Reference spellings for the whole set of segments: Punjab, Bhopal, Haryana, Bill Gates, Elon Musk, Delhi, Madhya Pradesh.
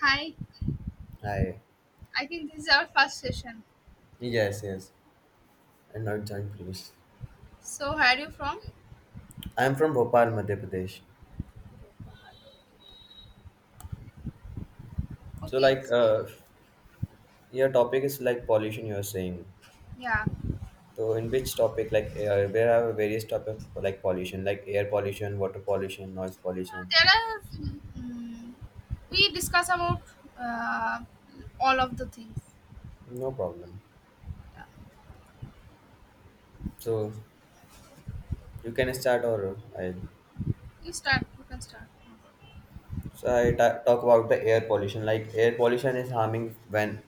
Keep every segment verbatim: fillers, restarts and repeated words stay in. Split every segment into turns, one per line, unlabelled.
Hi,
Hi.
I think this is our first session.
Yes, yes. And not joined previously.
So, where are you from?
I'm from Bhopal, Madhya Pradesh. So
Okay,
like
so
uh your topic is like pollution you're saying.
yeah.
So in which topic like uh, where are various topic for, like pollution, like air pollution, water pollution, noise
Uh,
pollution?
there are. mm we discuss about uh, all of the things.
No problem. So you can start or I,
You start. You can start.
so I ta- talk about the air pollution. Like air pollution is harming when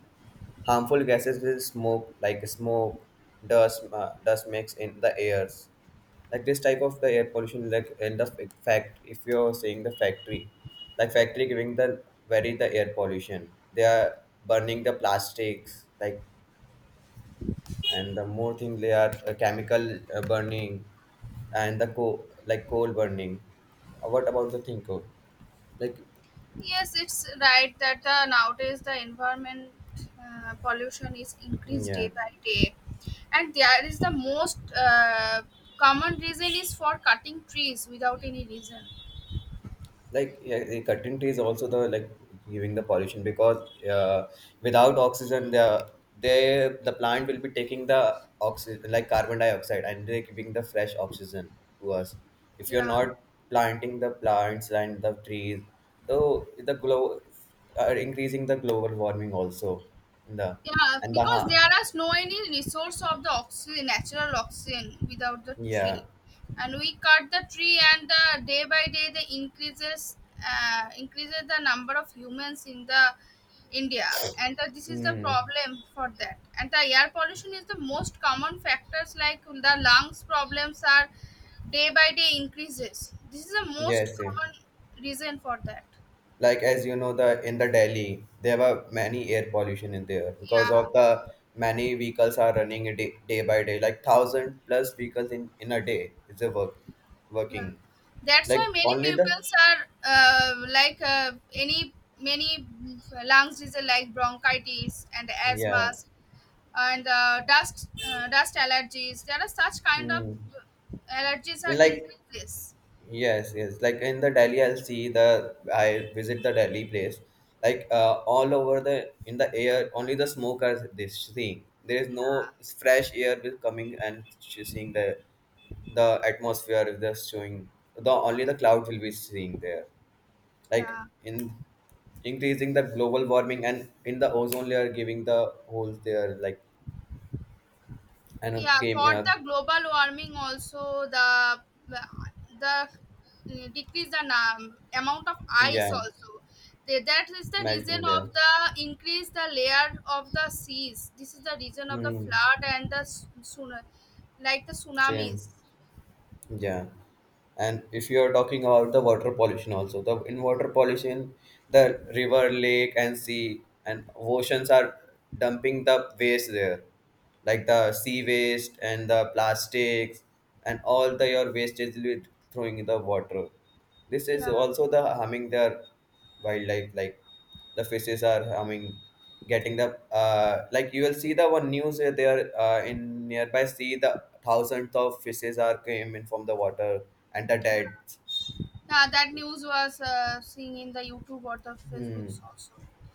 harmful gases with smoke like smoke, dust, uh, dust mix in the airs, like this type of the air pollution, like in the fa- fact if you're saying the factory, like factory giving the very the air pollution. They are burning the plastics, like, and the more thing they are uh, chemical uh, burning and the coal, like coal burning. Uh, what about the thing coal, like?
Yes, it's right that the, nowadays the environment uh, pollution is
Mm,
increased
yeah.
day by day, and there is the most uh, common reason is for cutting trees without any reason.
Like, yeah, the cutting trees also the, like, giving the pollution because uh, without oxygen the, they the plant will be taking the oxygen like carbon dioxide, and they're giving the fresh oxygen to us. If you're
Yeah,
not planting the plants and the trees, so the glow are increasing the global warming also in the,
yeah,
and the
because
ha-
there are no any resource of the oxygen, natural oxygen without the
yeah.
tree, and we cut the tree, and the day by day the increases uh, increases the number of humans in the India, and the, this is the
Mm,
problem for that. And the air pollution is the most common factors like the lungs problems are day by day increases. This is the most
yes, yeah.
common reason for that.
Like, as you know, the in the Delhi there were many air pollution in there because
Yeah,
of the many vehicles are running a day, day by day, like thousand plus vehicles in in a day is a work
yeah,
working.
that's
Like,
why many
only the,
pupils are uh, like uh, any many lungs disease like bronchitis and
yeah.
asthmas and uh, dust uh, dust allergies. There are such kind of
Hmm.
allergies
And
are
like,
increases,
yes, yes. Like in the Delhi, I'll see the I visit the Delhi place. Like uh, all over the in the air, only the smoke are this seeing. There is
yeah,
no fresh air will coming, and she's seeing the the atmosphere is just showing. The only the clouds will be seeing there, like
yeah,
in, increasing the global warming and in the ozone layer giving the holes there, like, and it
yeah,
came
for
uh,
the global warming also the the uh, decrease the num- amount of
yeah,
ice also. They- that is the reason
melting
of
there.
the increase the layer of the seas. This is the reason of the
Hmm.
flood and the tsunami like the
Same.
tsunamis.
Yeah. And if you are talking about the water pollution also, the in water pollution, the river, lake, and sea and oceans are dumping the waste there, like the sea waste and the plastics, and all the your waste is li- throwing in the water. This is
Yeah.
also the harming their wildlife, like the fishes are harming, getting the uh, like, you will see the one news uh, there uh, in nearby sea the thousands of fishes are came in from the water and the dead.
Now that news was uh, seen in the youtube or the facebooks
Hmm.
also,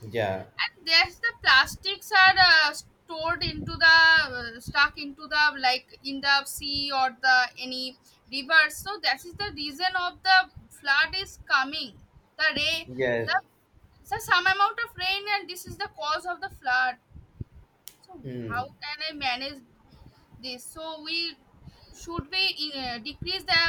Yeah.
and there's the plastics are uh, stored into the uh, stuck into the like in the sea or the any river, so that is the reason of the flood is coming, the rain,
Yes.
the so some amount of rain, and this is the cause of the flood. So
Hmm.
how can I manage this, so we should we uh, decrease the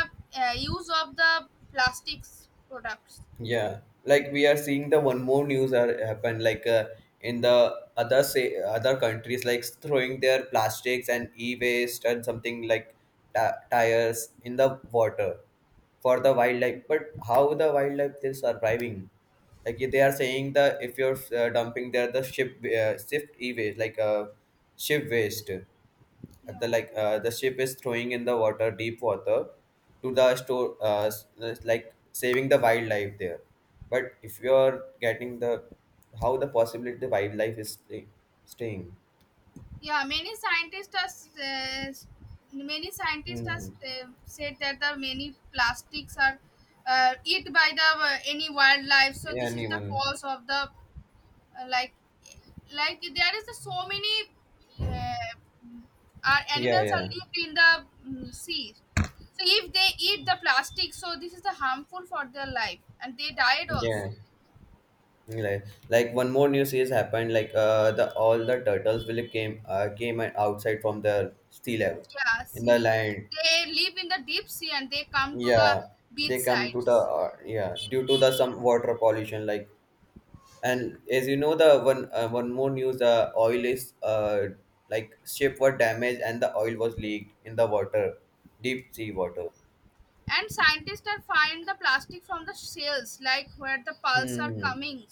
uh, use of the plastics products.
Yeah. Like, we are seeing the one more news are happen, like uh, in the other, say, other countries like throwing their plastics and e-waste and something like ti tires in the water for the wildlife, but how the wildlife they surviving, like they are saying that if you're uh, dumping there the ship uh, shift e-waste like uh, ship waste. Uh,
Yeah,
the like uh, the ship is throwing in the water, deep water, to the store uh, s- uh, like saving the wildlife there, but if you're getting the, how the possibility the wildlife is stay, staying.
yeah, many scientists are, uh, many scientists are,
Hmm.
uh, said that the many plastics are uh, eat by the uh, any wildlife, so this is the
Anyone?
cause of the uh, like like there is so many uh, our
Yeah,
animals are
yeah,
lived in the mm sea. So if they eat the plastic, so this is the harmful for their life, and they died also.
yeah. Like, like one more news is happened. Like uh, the all the turtles will came uh, came and outside from the sea level
Yeah,
in the
see,
land.
they live in the deep sea and they come to the
Yeah,
beach
they come to the
sides.
uh, yeah, due to the some water pollution. Like, and as you know, the one uh, one more news, the oil is uh like ship were damaged and the oil was leaked in the water, deep sea water.
And scientists are find the plastic from the shells, like where the pulse are
Hmm.
coming,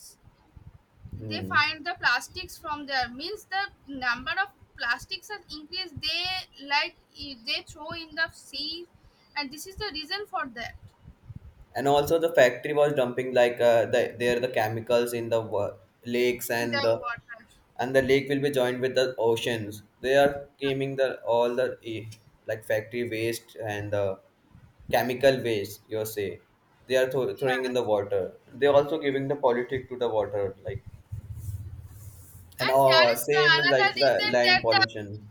they
Hmm.
find the plastics from there, means the number of plastics are increased they like i- they throw in the sea, and this is the reason for that
And also the factory was dumping like uh, the, there the chemicals in the wa- lakes
in
and the,
the water.
and the lake will be joined with the oceans. They are claiming the all the eh, like factory waste and the chemical waste, you say, they are thro- throwing in the water. They are also giving the politic to the water, like, and
And there
oh,
is the
same like
another
the
reason
land
that the
pollution.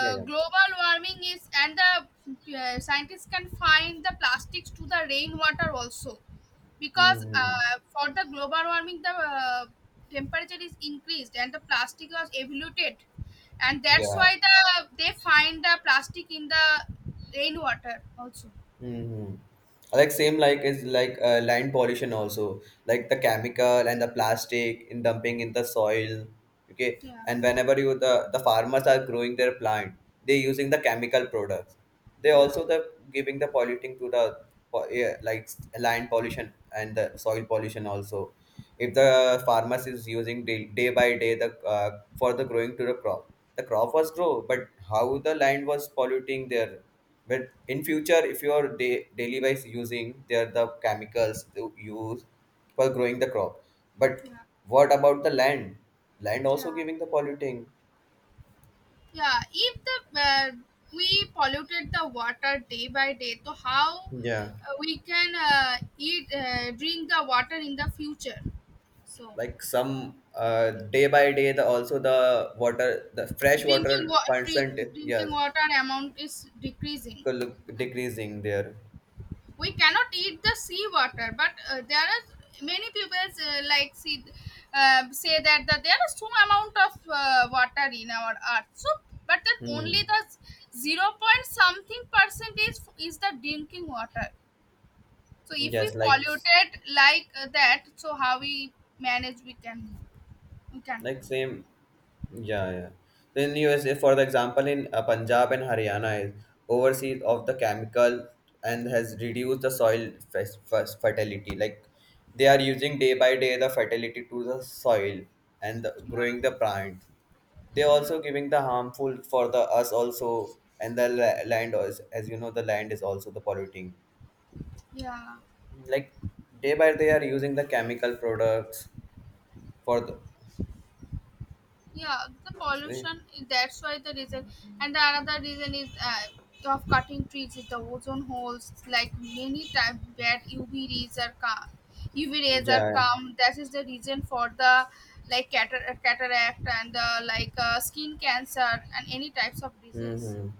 Yeah, yeah.
global warming is, and the uh, scientists can find the plastics to the rainwater also, because
Hmm.
uh, for the global warming the uh, temperature is increased, and the plastic was evoluted, and that's
Yeah.
why the they find the plastic in the rainwater also.
Hmm. Like, same like is, like uh, land pollution also, like the chemical and the plastic in dumping in the soil. Okay,
Yeah,
and whenever you, the the farmers are growing their plant, they using the chemical products. They
yeah,
also the giving the polluting to the, po- yeah, like land pollution and the soil pollution also. If the farmers is using day, day by day the uh, for the growing to the crop, the crop was grow, but how the land was polluting there. But in future, if you are da- daily wise using, there the chemicals to use for growing the crop. But
yeah,
what about the land? Land
yeah,
also giving the polluting.
yeah, if the uh, we polluted the water day by day, so how
Yeah.
uh, we can uh, eat uh, drink the water in the future. so
Like some uh, day by day, the also the water, the fresh
drinking
water
water
percent,
drinking
yes,
water amount is decreasing.
could look decreasing there.
We cannot eat the sea water, but uh, there are many people uh, like see uh, say that the, there is some amount of uh, water in our earth, so but then
Hmm.
only the zero point something percent is is the drinking water. So if we
Yes, like
polluted like uh, that, so how we manage we can we can,
like same. Yeah, yeah. Then USA, for the example, in uh, Punjab and Haryana is overseas of the chemical and has reduced the soil fes- fes- fertility, like they are using day by day the fertility to the soil and the, growing
yeah,
the plants. They
yeah,
also giving the harmful for the us also, and the la- land, as, as you know, the land is also the polluting,
yeah,
like day by day are using the chemical products for the.
yeah, the
See?
pollution, that's why the reason. And the another reason is uh, of cutting trees is the ozone holes, like many times bad UV rays are come, UV rays are
Yeah, yeah.
come, that is the reason for the like catar- cataract and the like uh, skin cancer and any types of disease.
Mm-hmm.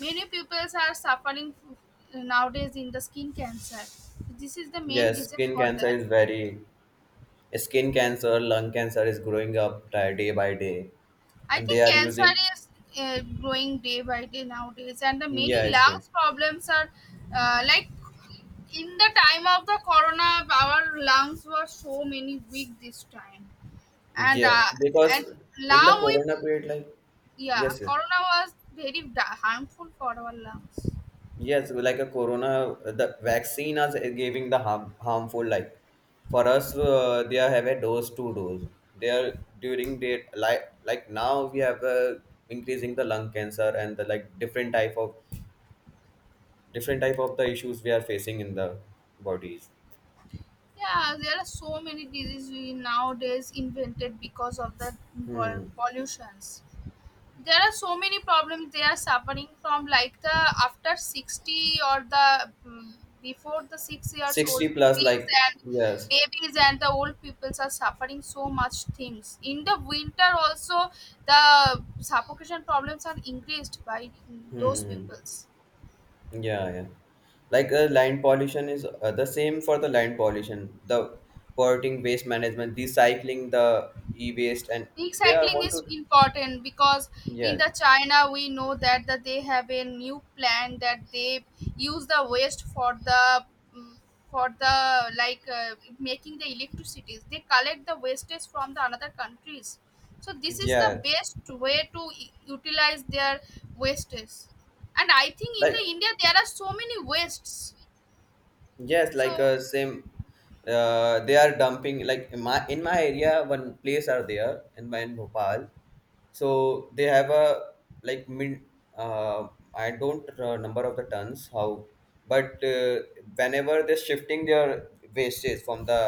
Many pupils are suffering nowadays in the skin cancer. This is the main
Yes,
reason
skin
for
cancer
that.
is very, skin cancer, lung cancer is growing up di- day by day,
I
and they
think
are
cancer
using,
is uh, growing day by day nowadays, and the many
yes, they,
lungs problems are uh, like in the time of the corona, our lungs were so many weak this time, and
yeah,
uh, and
because in the
now we,
corona period, like,
yeah,
yes, yes,
corona was very da- harmful for our lungs.
yes. Like, a corona, the vaccine is giving the harm, harmful like for us, uh, they are have a dose, two dose. They are during date, like like now we have uh, increasing the lung cancer and the like different type of, different type of the issues we are facing in the bodies.
Yeah, there are so many diseases we nowadays invented because of the pol-
Hmm.
pollutions. There are so many problems they are suffering from, like the after sixty or the mm, before the six years
sixty
old
plus,
babies
like,
and
yes.
babies and the old peoples are suffering so much things. In the winter also, the suffocation problems are increased by mm, those
Hmm.
peoples.
Yeah, yeah. Like uh, land pollution is uh, the same for the land pollution, the polluting waste management, recycling the e-waste, and they are
Recycling
want
is
to,
important because in
yeah,
the china we know that, that they have a new plan that they use the waste for the mm, for the like uh, making the electricities, they collect the wastage from the another countries. So this is the
yeah.
best way to u- utilize their wastage. And I think in the
Like,
india there are so many wastes,
yes, like
so
uh, same. Uh, they are dumping like in my, in my area. One place are there in my, in Bhopal. So they have a, like, min. Uh, I don't uh, number of the tons how, but uh, whenever they're shifting their wastage from the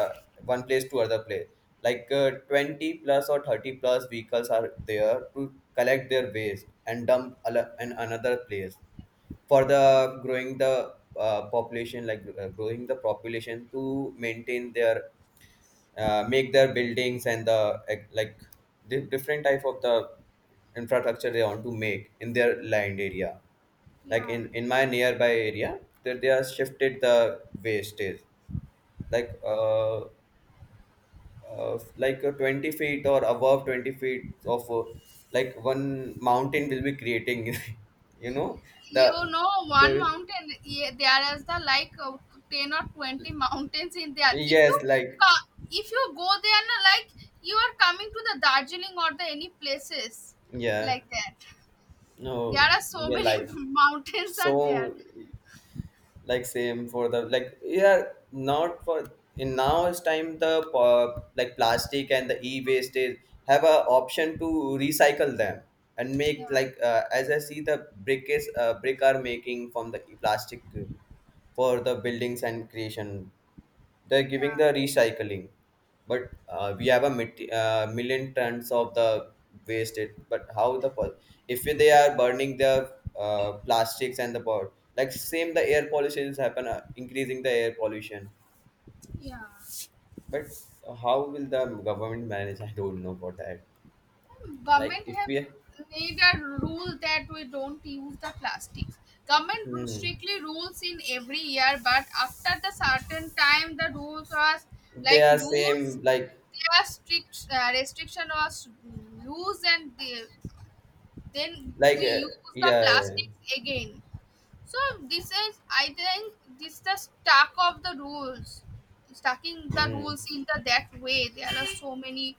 one place to other place, like uh, twenty plus or thirty plus vehicles are there to collect their waste and dump ala- in another place for
yeah,
the growing the uh, population, like uh, growing the population to maintain their uh, make their buildings and the ec- like di- different type of the infrastructure they want to make in their land area, like
yeah.
in in my nearby area, that they are shifted the wastage, like uh, uh like uh, twenty feet or above twenty feet of uh, like one mountain will be creating, you know, the
You know, one
the
mountain, yeah, there is the like uh, ten or twenty mountains in there. If you
yes, like.
ca- if you go there, na, like you are coming to the Darjeeling or the any places
Yeah,
like that. There
no,
are so
we're
many
like.
mountains are there.
So, like, same for the, like, yeah, not for, in now's time the uh, like plastic and the e-waste is, have a option to recycle them and
Yeah,
make like uh, as I see the brick is uh, brick are making from the plastic for the buildings and creation. They're giving
yeah,
the recycling, but uh, we have a mit- uh, million tons of the wasted, but how the pol- if they are burning the uh, plastics and the pot, like same the air pollution is happen, uh, increasing the air pollution.
yeah.
But how will the government manage? I don't know for that. Like,
Government
if
have
we.
made a rule that we don't use the plastics. Government ru-
Hmm.
strictly rules in every year, but after the certain time the rules was
They
like
are
loose,
same like
their strict uh, restriction was loose, and they, then
like
we
uh,
use the
yeah, yeah.
plastics again. So this is I think this the stack of the rules, stacking the
Mm.
rules in the that way, there are so many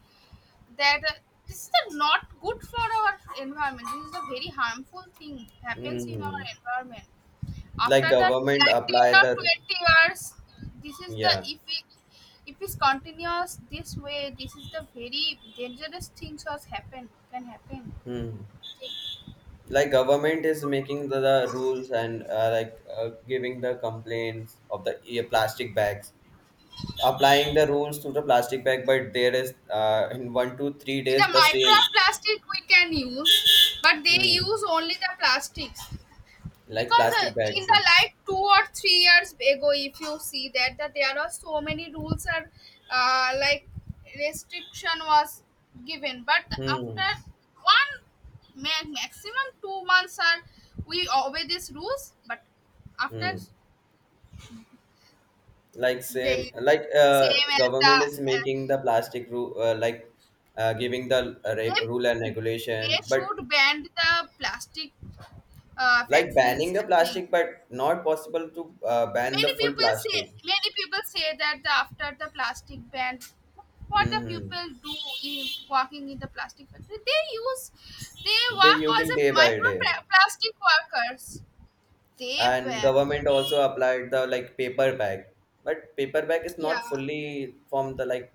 that uh, this is the not good for our environment. This is a very harmful thing happens in our
Hmm.
environment.
Like
After that,
government
like ten
apply
or
the,
twenty years, this is the
yeah.
if it if it's continuous this way, this is the very dangerous things was happen can happen.
Hmm. Like government is making the, the rules and uh, like uh, giving the complaints of the uh, plastic bags, applying the rules to the plastic bag, but there is uh, in one to three days
The
the same.
microplastic we can use, but they
Hmm,
use only the plastics.
like
Because uh,
plastic
in
bags.
the like two or three years ago, if you see that that there are so many rules are uh, like restriction was given, but
Hmm,
after one ma- maximum two months are we obey these rules, but after
hmm. Like, same
they
like uh,
same as the
government is
uh,
making the plastic rule uh, like uh, giving the uh, re-
they,
rule and regulation,
they
but
should ban the plastic uh,
like banning
factories
the
I think.
plastic, but not possible to uh, ban the
Many
full
people say
plastic.
Many people say that the, after the plastic ban, what the
Hmm.
people do in working in the plastic factory, they use they
They're
work as
using
a
day by
micro
day,
pla- plastic workers. They
and
ba-
government also applied the, like, paper bag, but paper bag is
yeah,
not fully from the, like,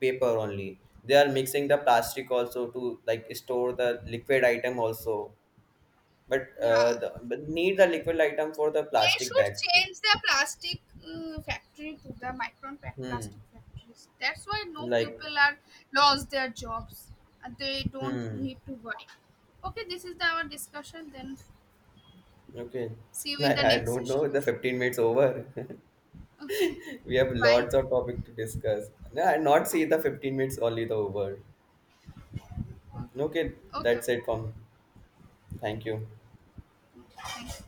paper only. They are mixing the plastic also to, like, store the liquid item also, but
yeah,
uh the, but need the liquid item for the
they
plastic
should
bags.
change the plastic uh, factory to the micron pa-
Hmm.
plastic factories. That's why no
Like.
people are lost their jobs, and they don't
Hmm.
need to worry. Okay, this is the, our discussion. Then
Okay.
see you in
Like,
the
I
next
don't know, the
sessions.
fifteen minutes over.
Okay.
We have
Bye.
lots of topic to discuss, no, I not see the fifteen minutes only the over. Okay,
Okay.
that's it from. Thank you.
Thank you.